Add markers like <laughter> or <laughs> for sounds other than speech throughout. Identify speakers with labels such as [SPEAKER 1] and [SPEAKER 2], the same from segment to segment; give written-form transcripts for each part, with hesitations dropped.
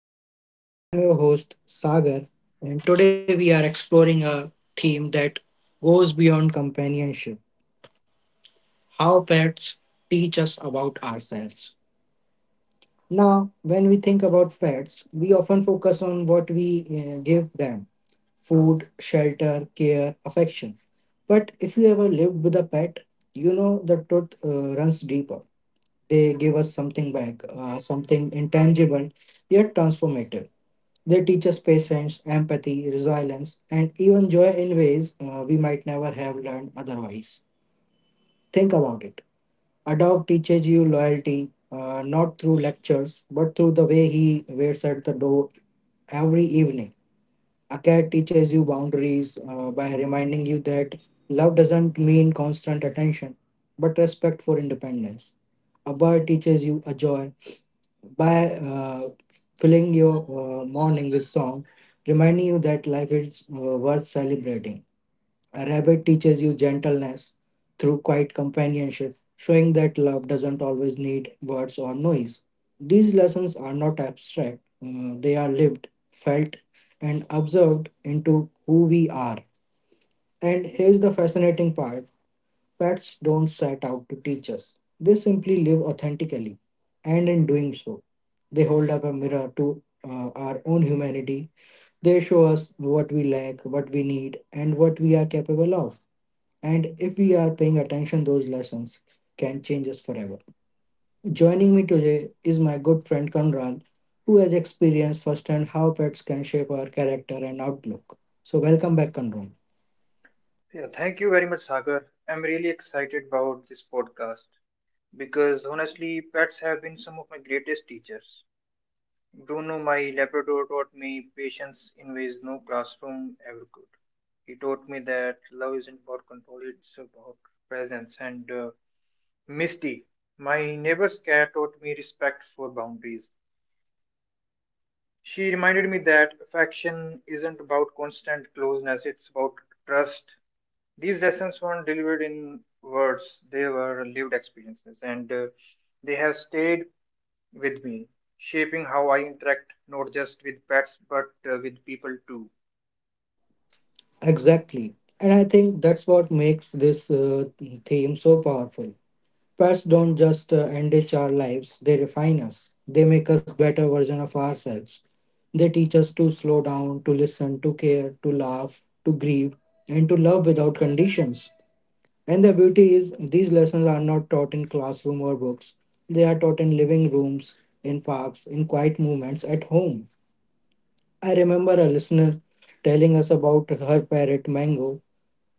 [SPEAKER 1] Talk with Viz. I'm your host Sagar, and today we are exploring a theme that goes beyond companionship, how pets teach us about ourselves. Now, when we think about pets, we often focus on what we give them: food, shelter, care, affection. But if you ever lived with a pet, you know the truth runs deeper. They give us something back, something intangible yet transformative. They teach us patience, empathy, resilience, and even joy in ways we might never have learned otherwise. Think about it. A dog teaches you loyalty, not through lectures, but through the way he waits at the door every evening. A cat teaches you boundaries by reminding you that love doesn't mean constant attention, but respect for independence. A bird teaches you a joy by filling your morning with song, reminding you that life is worth celebrating. A rabbit teaches you gentleness through quiet companionship, showing that love doesn't always need words or noise. These lessons are not abstract, they are lived, felt, and observed into who we are. And here's the fascinating part: pets don't set out to teach us, they simply live authentically, and in doing so, they hold up a mirror to our own humanity. They show us what we lack, what we need, and what we are capable of. And if we are paying attention, those lessons can change us forever. Joining me today is my good friend Conrad, who has experienced firsthand how pets can shape our character and outlook. So, welcome back, Conrad.
[SPEAKER 2] Yeah, thank you very much, Sagar. I'm really excited about this podcast because honestly, pets have been some of my greatest teachers. Bruno, my Labrador, taught me patience in ways no classroom ever could. He taught me that love isn't about control, it's about presence. And Misty, my neighbor's cat, taught me respect for boundaries. She reminded me that affection isn't about constant closeness, it's about trust. These lessons weren't delivered in words, they were lived experiences, and they have stayed with me, shaping how I interact not just with pets but with people too.
[SPEAKER 1] Exactly. And I think that's what makes this theme so powerful. Pets don't just enrich our lives, they refine us. They make us better version of ourselves. They teach us to slow down, to listen, to care, to laugh, to grieve, and to love without conditions. And the beauty is these lessons are not taught in classroom or books. They are taught in living rooms, in parks, in quiet moments at home. I remember a listener telling us about her parrot Mango.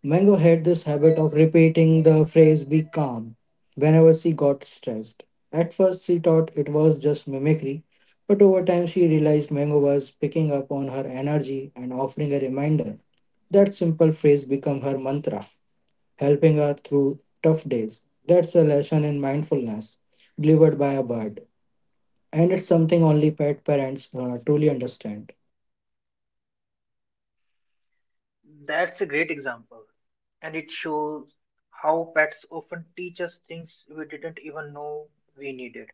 [SPEAKER 1] Mango had this habit of repeating the phrase "be calm" whenever she got stressed. At first, she thought it was just mimicry, but over time, she realized Mango was picking up on her energy and offering a reminder. That simple phrase became her mantra, helping her through tough days. That's a lesson in mindfulness delivered by a bird, and it's something only pet parents truly understand.
[SPEAKER 2] That's a great example. And it shows how pets often teach us things we didn't even know we needed.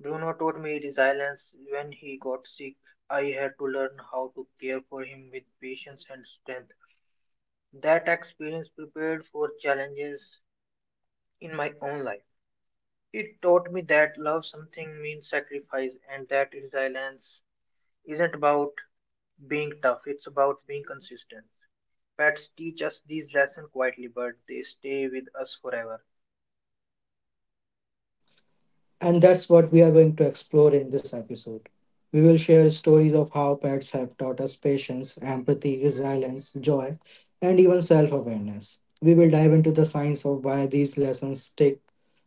[SPEAKER 2] Bruno taught me resilience when he got sick. I had to learn how to care for him with patience and strength. That experience prepared for challenges in my own life. It taught me that love something means sacrifice and that resilience isn't about being tough, it's about being consistent. Pets teach us these lessons quietly, but they stay with us forever.
[SPEAKER 1] And that's what we are going to explore in this episode. We will share stories of how pets have taught us patience, empathy, resilience, joy, and even self awareness. We will dive into the science of why these lessons stick,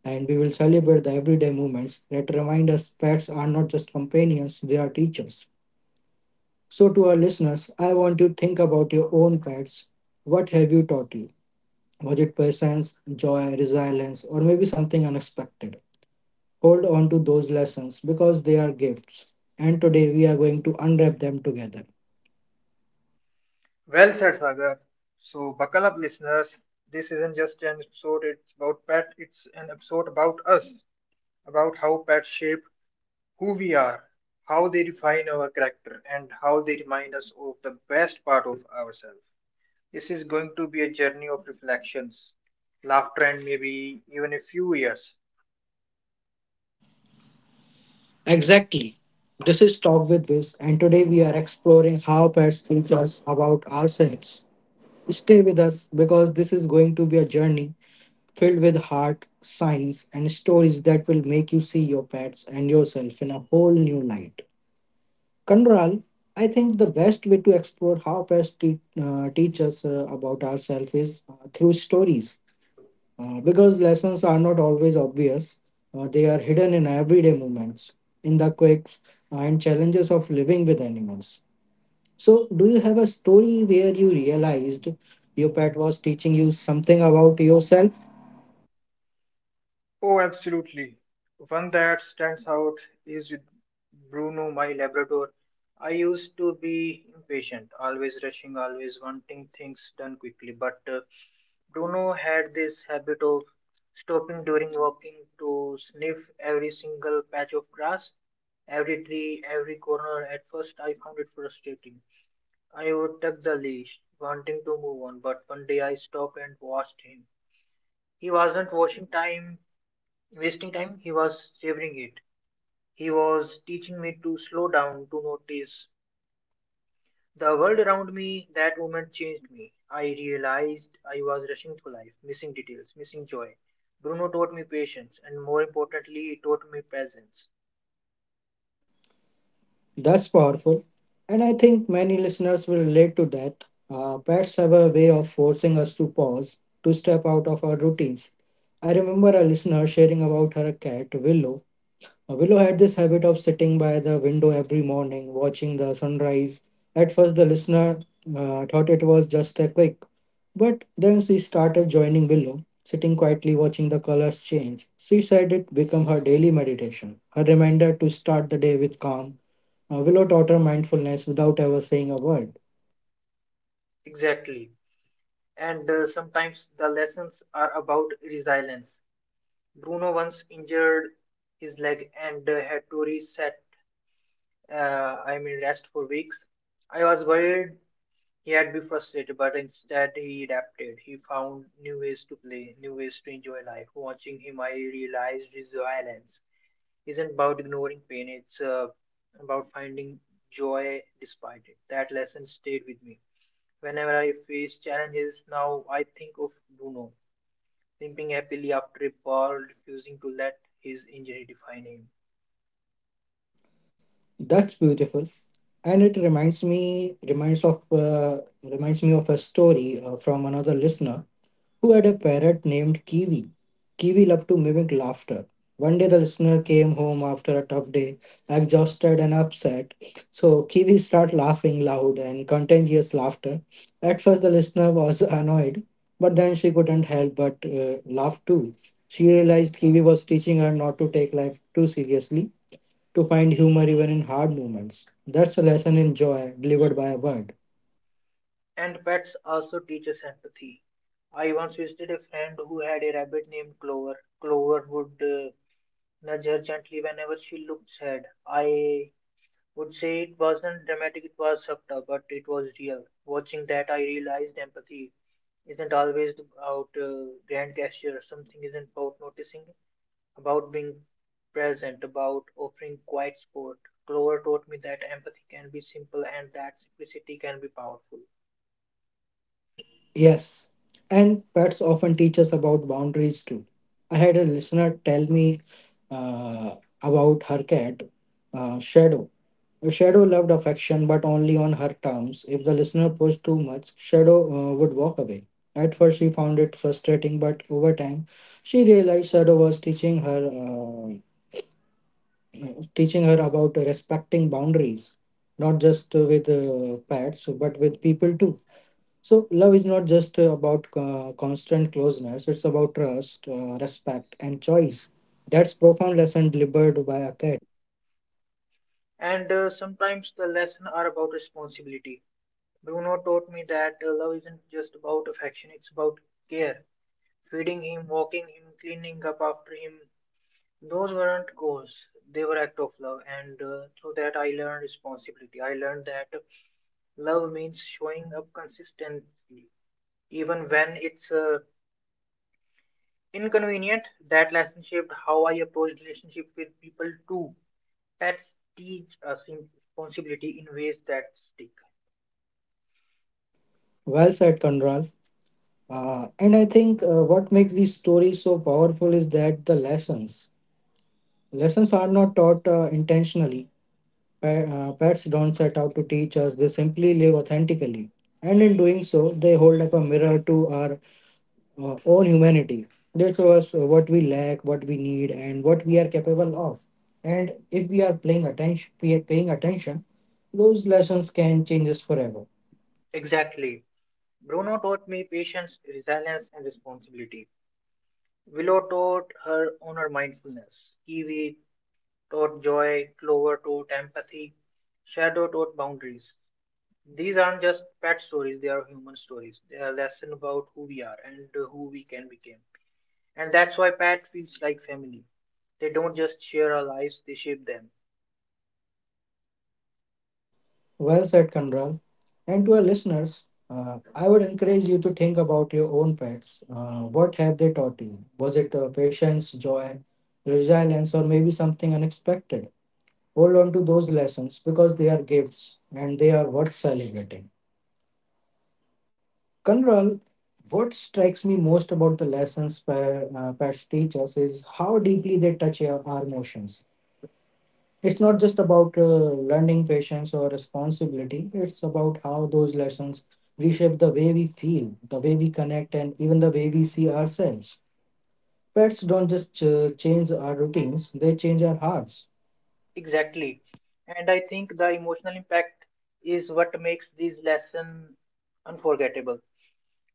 [SPEAKER 1] and we will celebrate the everyday moments that remind us pets are not just companions, they are teachers. So, to our listeners, I want you to think about your own pets. What have you taught you? Was it patience, joy, resilience, or maybe something unexpected? Hold on to those lessons because they are gifts. And today we are going to unwrap them together.
[SPEAKER 2] Well said, Sagar. So, buckle up, listeners. This isn't just an episode, it's an episode about us, about how pets shape who we are, how they define our character, and how they remind us of the best part of ourselves. This is going to be a journey of reflections, laughter, and maybe even a few years.
[SPEAKER 1] Exactly. This is Talk with Viz, and today we are exploring how pets teach us about ourselves. Stay with us because this is going to be a journey filled with heart, science, and stories that will make you see your pets and yourself in a whole new light. Kandral, I think the best way to explore how pets teach us about ourselves is through stories. Because lessons are not always obvious, they are hidden in everyday moments, in the quirks and challenges of living with animals. So, do you have a story where you realized your pet was teaching you something about yourself?
[SPEAKER 2] Oh, absolutely. One that stands out is with Bruno, my Labrador. I used to be impatient, always rushing, always wanting things done quickly. But Bruno had this habit of stopping during walking to sniff every single patch of grass, every tree, every corner. At first, I found it frustrating. I would tuck the leash, wanting to move on, but one day I stopped and watched him. He wasn't washing time, wasting time, he was savoring it. He was teaching me to slow down, to notice the world around me. That moment changed me. I realized I was rushing through life, missing details, missing joy. Bruno taught me patience, and more importantly, he taught me presence.
[SPEAKER 1] That's powerful. And I think many listeners will relate to that. Pets have a way of forcing us to pause, to step out of our routines. I remember a listener sharing about her cat, Willow. Willow had this habit of sitting by the window every morning, watching the sunrise. At first, the listener thought it was just a quake, but then she started joining Willow, sitting quietly watching the colors change. She said it became her daily meditation, her reminder to start the day with calm. Willow taught her mindfulness without ever saying a word.
[SPEAKER 2] Exactly. And Sometimes the lessons are about resilience. Bruno once injured his leg and had to reset, I mean, rest for weeks. I was worried he had be frustrated, but instead he adapted. He found new ways to play, new ways to enjoy life. Watching him, I realized his violence isn't about ignoring pain, it's about finding joy despite it. That lesson stayed with me. Whenever I face challenges now, I think of Bruno limping happily after a ball, refusing to let his injury define him.
[SPEAKER 1] That's beautiful, and it reminds me of a story from another listener who had a parrot named Kiwi. Kiwi loved to mimic laughter. One day, the listener came home after a tough day, exhausted and upset. So, Kiwi started laughing loud and contagious laughter. At first, the listener was <laughs> annoyed, but then she couldn't help but laugh too. She realized Kiwi was teaching her not to take life too seriously, to find humor even in hard moments. That's a lesson in joy delivered by a word.
[SPEAKER 2] And pets also teach us empathy. I once visited a friend who had a rabbit named Clover. Clover would nudge her gently whenever she looked sad. I would say it wasn't dramatic, it was subtle, but it was real. Watching that, I realized empathy isn't always about grand gestures. Something isn't about noticing, about being present, about offering quiet support. Clover taught me that empathy can be simple and that simplicity can be powerful.
[SPEAKER 1] Yes, and pets often teach us about boundaries too. I had a listener tell me uh, about her cat, Shadow. Shadow loved affection, but only on her terms. If the listener pushed too much, Shadow would walk away. At first, she found it frustrating, but over time, she realized Shadow was teaching her about respecting boundaries, not just with pets, but with people too. So, love is not just about constant closeness, it's about trust, respect, and choice. That's profound lesson delivered by a cat.
[SPEAKER 2] And Sometimes the lesson are about responsibility. Bruno taught me that love isn't just about affection, it's about care. Feeding him, walking him, cleaning up after him. Those weren't goals, they were act of love. And Through that, I learned responsibility. I learned that love means showing up consistently, even when it's inconvenient. That lesson shaped how I approached relationship with people too. Pets teach us responsibility in ways that stick.
[SPEAKER 1] Well said, Conral. And I think what makes these stories so powerful is that the lessons. Lessons are not taught intentionally. Pa- Pets don't set out to teach us, they simply live authentically. And in doing so, they hold up a mirror to our own humanity. They show us what we lack, what we need, and what we are capable of. And if we are paying attention, those lessons can change us forever.
[SPEAKER 2] Exactly. Bruno taught me patience, resilience, and responsibility. Willow taught her honor mindfulness. Kiwi taught joy. Clover taught empathy. Shadow taught boundaries. These aren't just pet stories, they are human stories. They are lessons about who we are and who we can become. And that's why Pat feels like family. They don't just share our lives, they shape them.
[SPEAKER 1] Well said, Kandral. And to our listeners, I would encourage you to think about your own pets. What have they taught you? Was it patience, joy, resilience, or maybe something unexpected? Hold on to those lessons because they are gifts and they are worth celebrating. Kanral, what strikes me most about the lessons Patch teach us is how deeply they touch our emotions. It's not just about learning patience or responsibility, it's about how those lessons reshape the way we feel, the way we connect, and even the way we see ourselves. Pets don't just change our routines, they change our hearts.
[SPEAKER 2] Exactly. And I think the emotional impact is what makes these lessons unforgettable.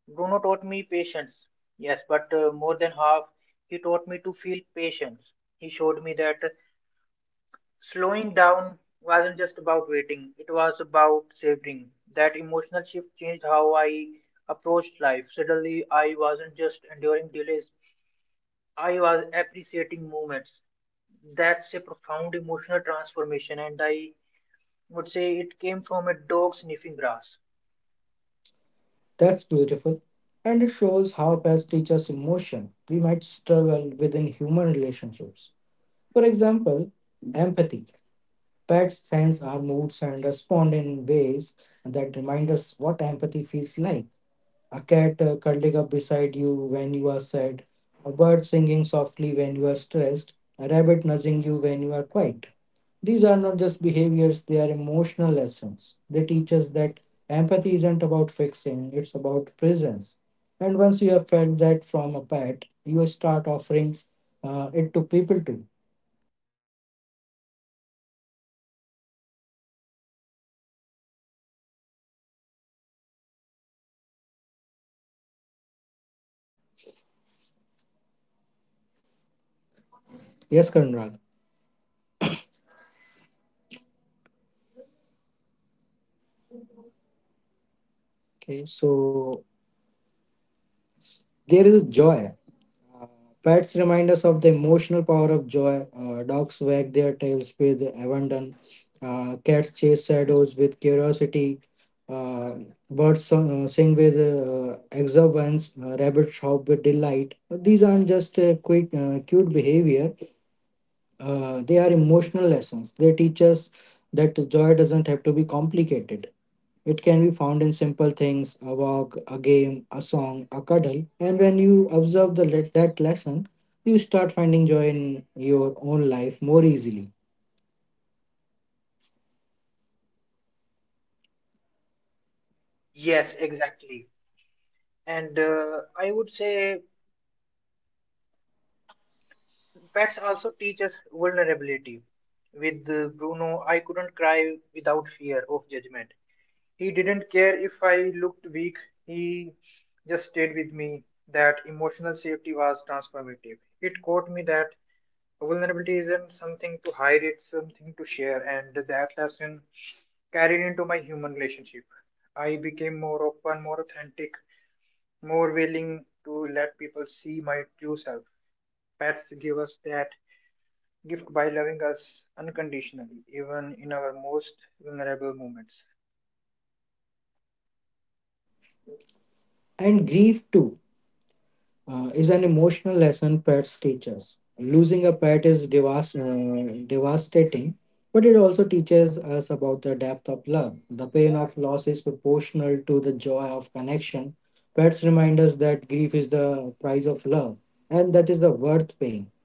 [SPEAKER 2] Bruno taught me patience, yes, but more than half, he taught me to feel patience. He showed me that slowing down wasn't just about waiting, it was about savoring. That emotional shift changed how I approached life. Suddenly, I wasn't just enduring delays, I was appreciating moments. That's a profound emotional transformation, and I would say it came from a dog sniffing grass.
[SPEAKER 1] That's beautiful. And it shows how pets teach us emotion we might struggle within human relationships. For example, empathy. Pets sense our moods and respond in ways that remind us what empathy feels like. A cat curling up beside you when you are sad, a bird singing softly when you are stressed, a rabbit nudging you when you are quiet. These are not just behaviors, they are emotional lessons. They teach us that empathy isn't about fixing, it's about presence. And once you have felt that from a pet, you start offering it to people too. Yes, Karnal. Okay, so there is joy. Pets remind us of the emotional power of joy. Dogs wag their tails with abandon. Cats chase shadows with curiosity. Uh, Birds sing with exuberance. Rabbits hop with delight. These aren't just cute behavior, they are emotional lessons. They teach us that joy doesn't have to be complicated. It can be found in simple things: a walk, a game, a song, a cuddle. And when you observe that lesson, you start finding joy in your own life more easily.
[SPEAKER 2] Yes, exactly. And I would say pets also teach us vulnerability. With Bruno, I couldn't cry without fear of judgment. He didn't care if I looked weak, he just stayed with me. That emotional safety was transformative. It taught me that vulnerability isn't something to hide, it's something to share, and that lesson carried into my human relationship. I became more open, more authentic, more willing to let people see my true self. Pets give us that gift by loving us unconditionally, even in our most vulnerable moments.
[SPEAKER 1] And grief, too, is an emotional lesson pets teach us. Losing a pet is devastating, but it also teaches us about the depth of love. The pain of loss is proportional to the joy of connection. Pets remind us that grief is the price of love and that is the worth paying.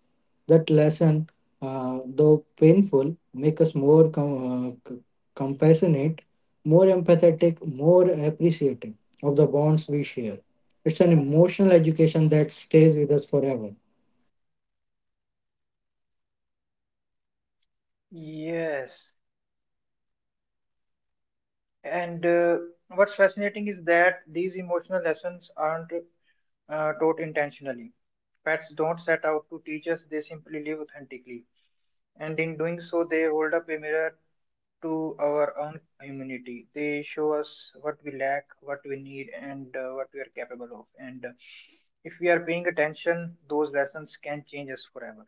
[SPEAKER 1] That lesson, though painful, make us more compassionate, more empathetic, more appreciative of the bonds we share. It's an emotional education that stays with us forever.
[SPEAKER 2] Yes, and what's fascinating is that these emotional lessons aren't taught intentionally. Pets don't set out to teach us, they simply live authentically. And in doing so, they hold up a mirror to our own humanity. They show us what we lack, what we need, and what we are capable of. And if we are paying attention, those lessons can change us forever.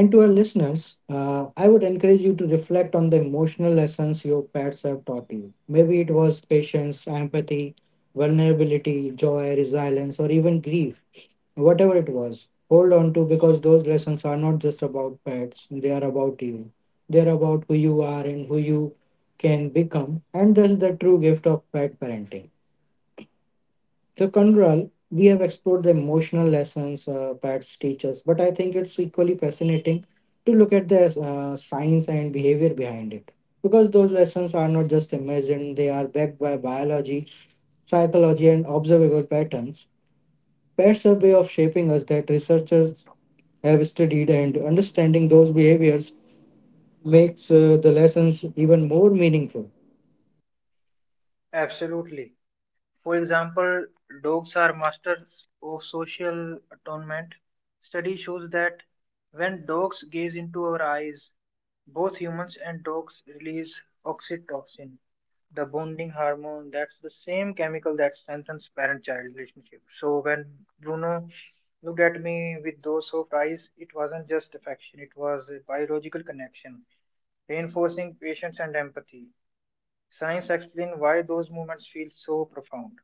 [SPEAKER 1] And to our listeners, I would encourage you to reflect on the emotional lessons your pets have taught you. Maybe it was patience, empathy, vulnerability, joy, resilience, or even grief. Whatever it was, hold on to because those lessons are not just about pets, they are about you. They're about who you are and who you can become, and that's the true gift of pet parenting. So Kandral, we have explored the emotional lessons pets teach us, but I think it's equally fascinating to look at the science and behavior behind it, because those lessons are not just imagined, they are backed by biology, psychology, and observable patterns. Pets are a way of shaping us that researchers have studied, and understanding those behaviors makes the lessons even more meaningful.
[SPEAKER 2] Absolutely. For example, dogs are masters of social atonement. Study shows that when dogs gaze into our eyes, both humans and dogs release oxytocin, the bonding hormone. That's the same chemical that strengthens parent-child relationship. So when Bruno looked at me with those soft eyes, it wasn't just affection; it was a biological connection, reinforcing patience and empathy. Science explains why those moments feel so profound.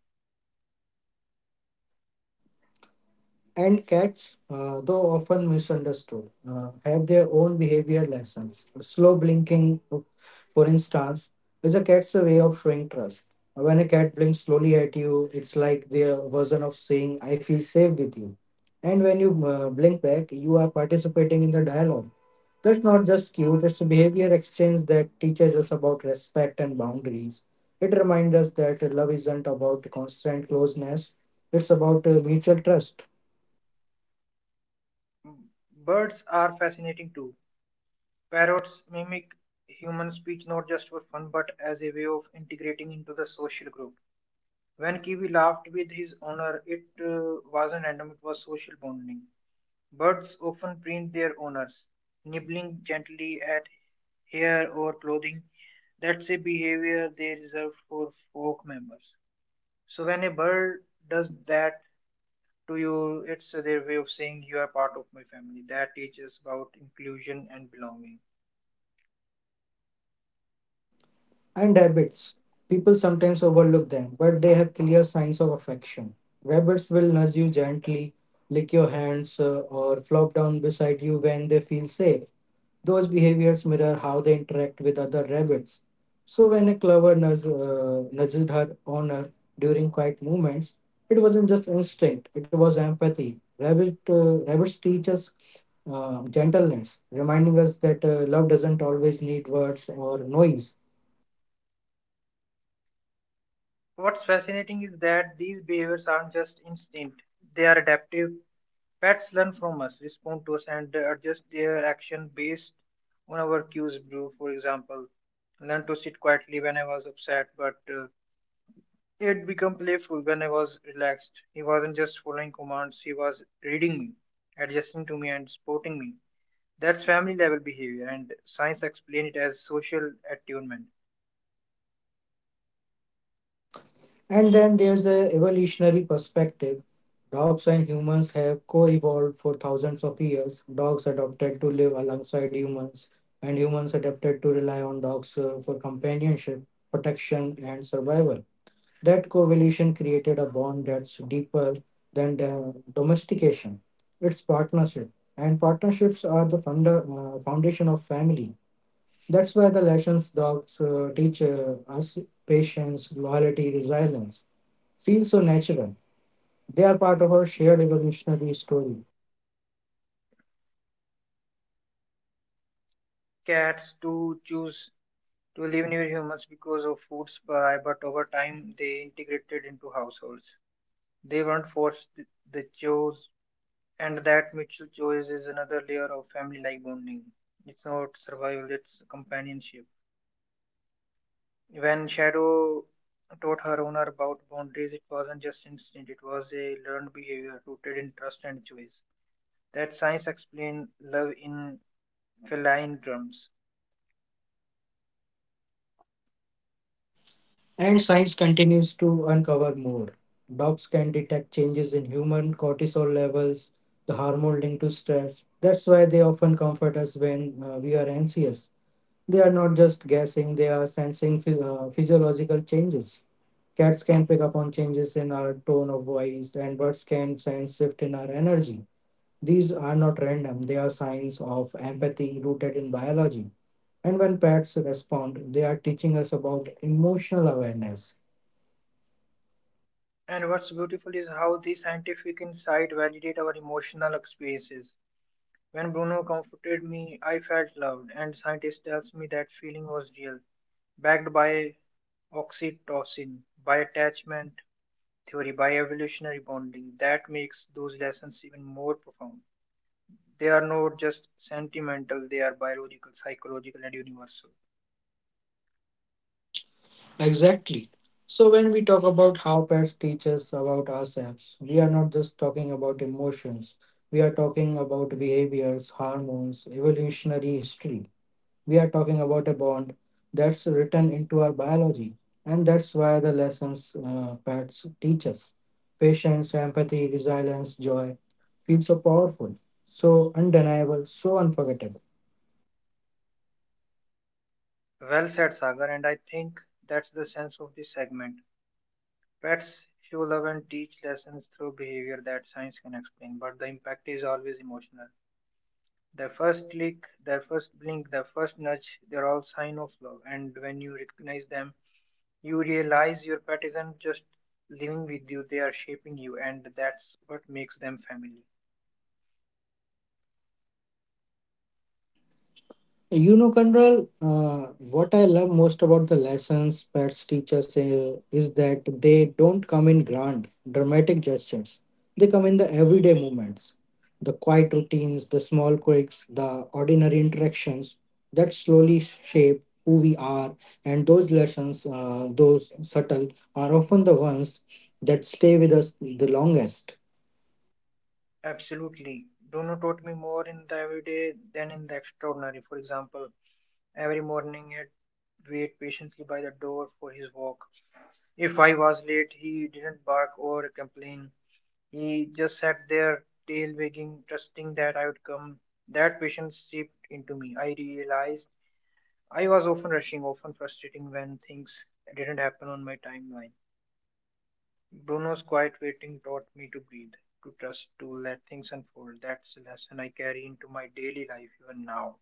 [SPEAKER 1] And cats, though often misunderstood, have their own behavior lessons. Slow blinking, for instance, is a cat's way of showing trust. When a cat blinks slowly at you, it's like their version of saying, I feel safe with you. And when you blink back, you are participating in the dialogue. That's not just cute, it's a behavior exchange that teaches us about respect and boundaries. It reminds us that love isn't about constant closeness, it's about mutual trust
[SPEAKER 2] Birds are fascinating too. Parrots mimic human speech not just for fun but as a way of integrating into the social group. When Kiwi laughed with his owner, it wasn't random, it was social bonding. Birds often print their owners, nibbling gently at hair or clothing. That's a behavior they reserve for folk members. So when a bird does that, to you, it's their way of saying you are part of my family. That teaches about inclusion and belonging.
[SPEAKER 1] and habits. People sometimes overlook them, but they have clear signs of affection. Rabbits will nudge you gently, lick your hands, or flop down beside you when they feel safe. Those behaviors mirror how they interact with other rabbits. So when a clover nudged her owner during quiet movements, it wasn't just instinct; it was empathy. Rabbits teach us gentleness, reminding us that love doesn't always need words or noise.
[SPEAKER 2] What's fascinating is that these behaviors aren't just instinct, they are adaptive. Pets learn from us, respond to us, and adjust their action based on our cues. Brew, for example, learned to sit quietly when I was upset, but it became playful when I was relaxed. He wasn't just following commands, he was reading me, adjusting to me, and supporting me. That's family level behavior, and science explains it as social attunement.
[SPEAKER 1] And then there's a evolutionary perspective. Dogs and humans have co-evolved for thousands of years. Dogs adapted to live alongside humans, and humans adapted to rely on dogs for companionship, protection, and survival. That co-evolution created a bond that's deeper than the domestication. It's partnership, and partnerships are the foundation of family. That's why the lessons dogs teach us patience, loyalty, resilience feel so natural. They are part of our shared evolutionary story.
[SPEAKER 2] Cats do choose to live near humans because of food supply, but over time they integrated into households. They weren't forced, they chose, and that mutual choice is another layer of family like bonding. It's not survival, it's companionship. When Shadow taught her owner about boundaries, it wasn't just instinct, it was a learned behavior rooted in trust and choice. That science explains love in feline drums.
[SPEAKER 1] And science continues to uncover more. Dogs can detect changes in human cortisol levels, the hormone linked to stress. That's why they often comfort us when we are anxious. They are not just guessing, they are sensing physiological changes. Cats can pick up on changes in our tone of voice, and birds can sense shift in our energy. These are not random, they are signs of empathy rooted in biology. And when pets respond, they are teaching us about emotional awareness.
[SPEAKER 2] And what's beautiful is how the scientific insight validate our emotional experiences. When Bruno comforted me, I felt loved, and scientist tells me that feeling was real, backed by oxytocin, by attachment theory, by evolutionary bonding. That makes those lessons even more profound. They are not just sentimental, they are biological, psychological, and universal.
[SPEAKER 1] Exactly. So when we talk about how pets teach us about ourselves, we are not just talking about emotions, we are talking about behaviors, hormones, evolutionary history. We are talking about a bond that's written into our biology. And that's why the lessons pets teach us patience, empathy, resilience, joy feel so powerful, so undeniable, so unforgettable.
[SPEAKER 2] Well said, Sagar, and I think that's the sense of this segment. Pets show love and teach lessons through behavior that science can explain, but the impact is always emotional. Their first click, their first blink, their first nudge, they're all sign of love. And when you recognize them, you realize your pet isn't just living with you, they are shaping you, and that's what makes them family.
[SPEAKER 1] You know, Control, what I love most about the lessons pets teach us is that they don't come in grand, dramatic gestures. They come in the everyday moments, the quiet routines, the small quirks, the ordinary interactions that slowly shape who we are. And those lessons, those subtle, are often the ones that stay with us the longest.
[SPEAKER 2] Absolutely. Dono taught me more in the everyday than in the extraordinary. For example, every morning it wait patiently by the door for his walk. If I was late, he didn't bark or complain. He just sat there, tail wagging, trusting that I would come. That patience seeped into me. I realized I was often rushing, often frustrating when things didn't happen on my timeline. Bruno's quiet waiting taught me to breathe, to trust, to let things unfold. That's a lesson I carry into my daily life even now.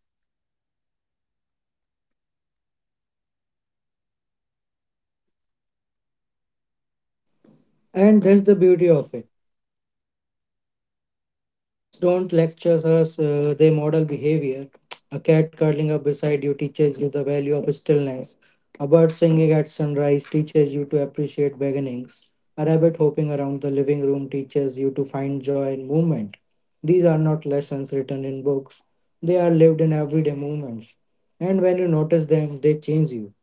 [SPEAKER 1] And that's the beauty of it. Pets don't lecture us, they model behavior. A cat curling up beside you teaches you the value of stillness. A bird singing at sunrise teaches you to appreciate beginnings. A rabbit hopping around the living room teaches you to find joy in movement. These are not lessons written in books, they are lived in everyday moments. And when you notice them, they change you.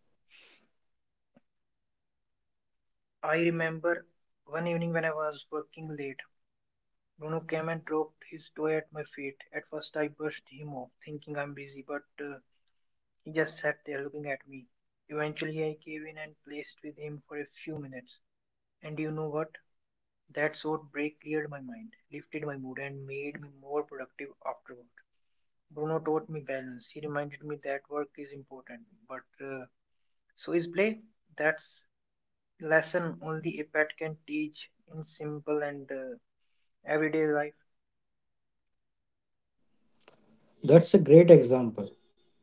[SPEAKER 2] I remember one evening when I was working late, Bruno came and dropped his toy at my feet. At first, I brushed him off, thinking I'm busy, but he just sat there looking at me. Eventually, I gave in and placed with him for a few minutes. And you know what? That short break cleared my mind, lifted my mood, and made me more productive afterward. Bruno taught me balance. He reminded me that work is important, but so is play. That's lesson only a pet can teach in simple and everyday life.
[SPEAKER 1] That's a great example.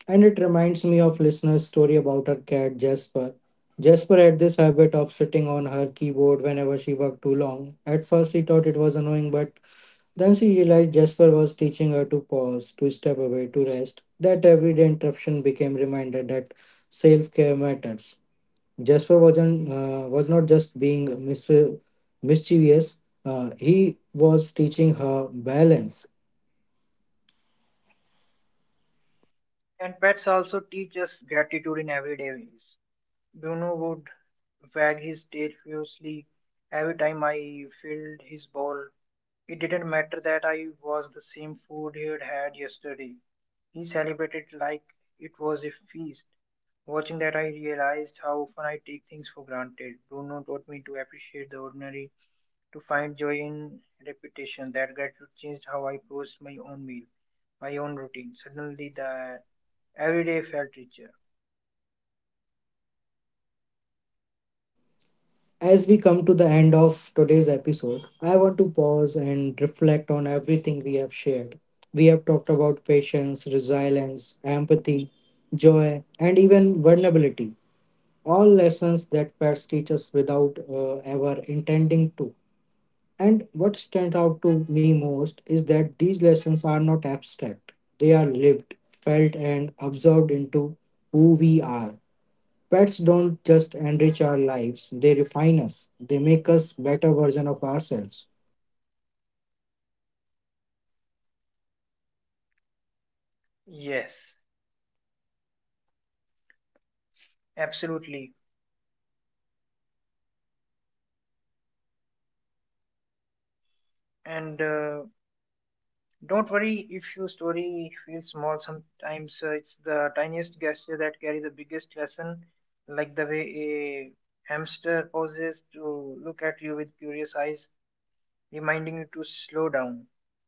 [SPEAKER 1] And it reminds me of listener's story about her cat Jasper. Jasper had this habit of sitting on her keyboard whenever she worked too long. At first she thought it was annoying, but then she realized Jasper was teaching her to pause, to step away, to rest. That everyday interruption became reminder that self-care matters. Jasper was not just being mischievous, he was teaching her balance.
[SPEAKER 2] And pets also teach us gratitude in everyday ways. Bruno would wag his tail furiously every time I filled his bowl. It didn't matter that I was the same food he had had yesterday. He celebrated like it was a feast. Watching that, I realized how often I take things for granted. Bruno taught me to appreciate the ordinary, to find joy in repetition. That gratitude changed how I approached my own meal, my own routine. Suddenly, the everyday felt richer.
[SPEAKER 1] As we come to the end of today's episode, I want to pause and reflect on everything we have shared. We have talked about patience, resilience, empathy, joy, and even vulnerability. All lessons that pets teach us without ever intending to. And what stands out to me most is that these lessons are not abstract, they are lived, felt, and absorbed into who we are. Pets don't just enrich our lives, they refine us. They make us better version of ourselves.
[SPEAKER 2] Yes, absolutely. And don't worry if your story feels small. Sometimes it's the tiniest gesture that carry the biggest lesson, like the way a hamster pauses to look at you with curious eyes, reminding you to slow down,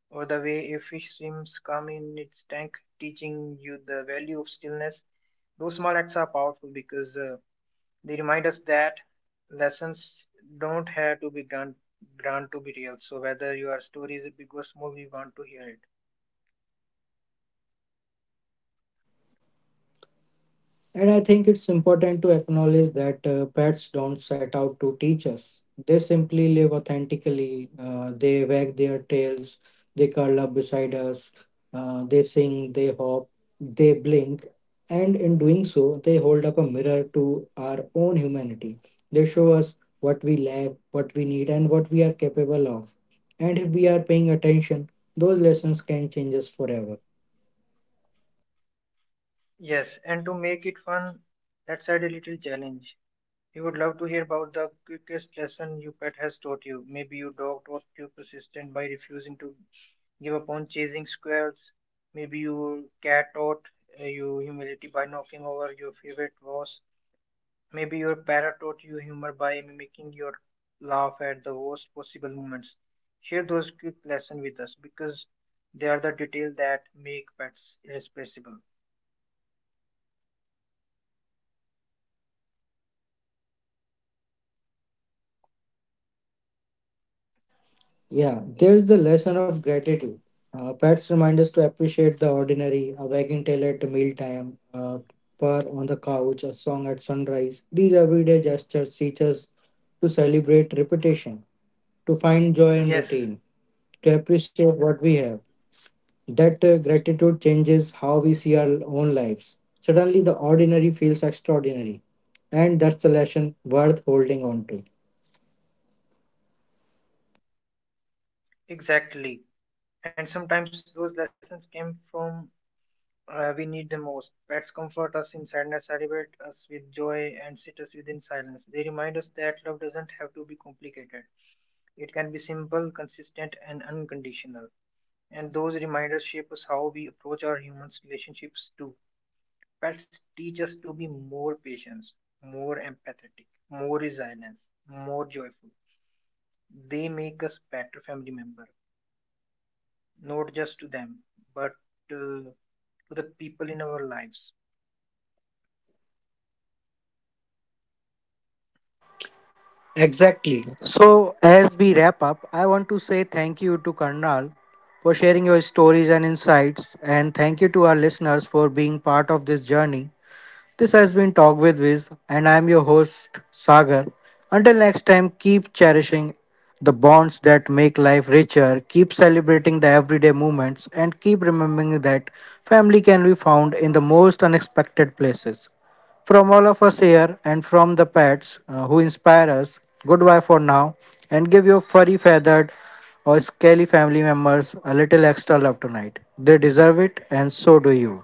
[SPEAKER 2] or the way a fish swims calm in its tank, teaching you the value of stillness. Those small acts are powerful because they remind us that lessons don't have to be grand to be real. So whether your story is big or small, we want to hear it.
[SPEAKER 1] And I think it's important to acknowledge that pets don't set out to teach us. They simply live authentically. They wag their tails, they curl up beside us, they sing, they hop, they blink. And in doing so, they hold up a mirror to our own humanity. They show us what we lack, what we need, and what we are capable of. And if we are paying attention, those lessons can change us forever.
[SPEAKER 2] Yes, and to make it fun, let's add a little challenge. We would love to hear about the quickest lesson your pet has taught you. Maybe your dog taught you persistent by refusing to give up on chasing squirrels. Maybe your cat taught you humility by knocking over your favorite vase. Maybe your parrot taught you humor by mimicking your laugh at the worst possible moments. Share those quick lessons with us because they are the details that make pets irreplaceable.
[SPEAKER 1] Yeah, there's the lesson of gratitude. Pets remind us to appreciate the ordinary, a wagging tail at mealtime, a purr on the couch, a song at sunrise. These everyday gestures teach us to celebrate repetition, to find joy in
[SPEAKER 2] Yes,
[SPEAKER 1] routine, to appreciate what we have. That gratitude changes how we see our own lives. Suddenly, the ordinary feels extraordinary, and that's the lesson worth holding on to.
[SPEAKER 2] exactly. And sometimes those lessons came from we need them most. Pets comfort us in sadness, celebrate us with joy, and sit us within silence. They remind us that love doesn't have to be complicated. It can be simple, consistent, and unconditional. And those reminders shape us how we approach our human relationships too. Pets teach us to be more patient, more empathetic, more resilient, more joyful. They make us better family member, not just to them, but uh, to the people in our lives.
[SPEAKER 1] Exactly. So, as we wrap up, I want to say thank you to Karnal for sharing your stories and insights, and thank you to our listeners for being part of this journey. This has been Talk with Viz, and I'm your host, Sagar. Until next time, keep cherishing the bonds that make life richer, keep celebrating the everyday moments, and keep remembering that family can be found in the most unexpected places. From all of us here and from the pets who inspire us, goodbye for now, and give your furry, feathered, or scaly family members a little extra love tonight. They deserve it, and so do you.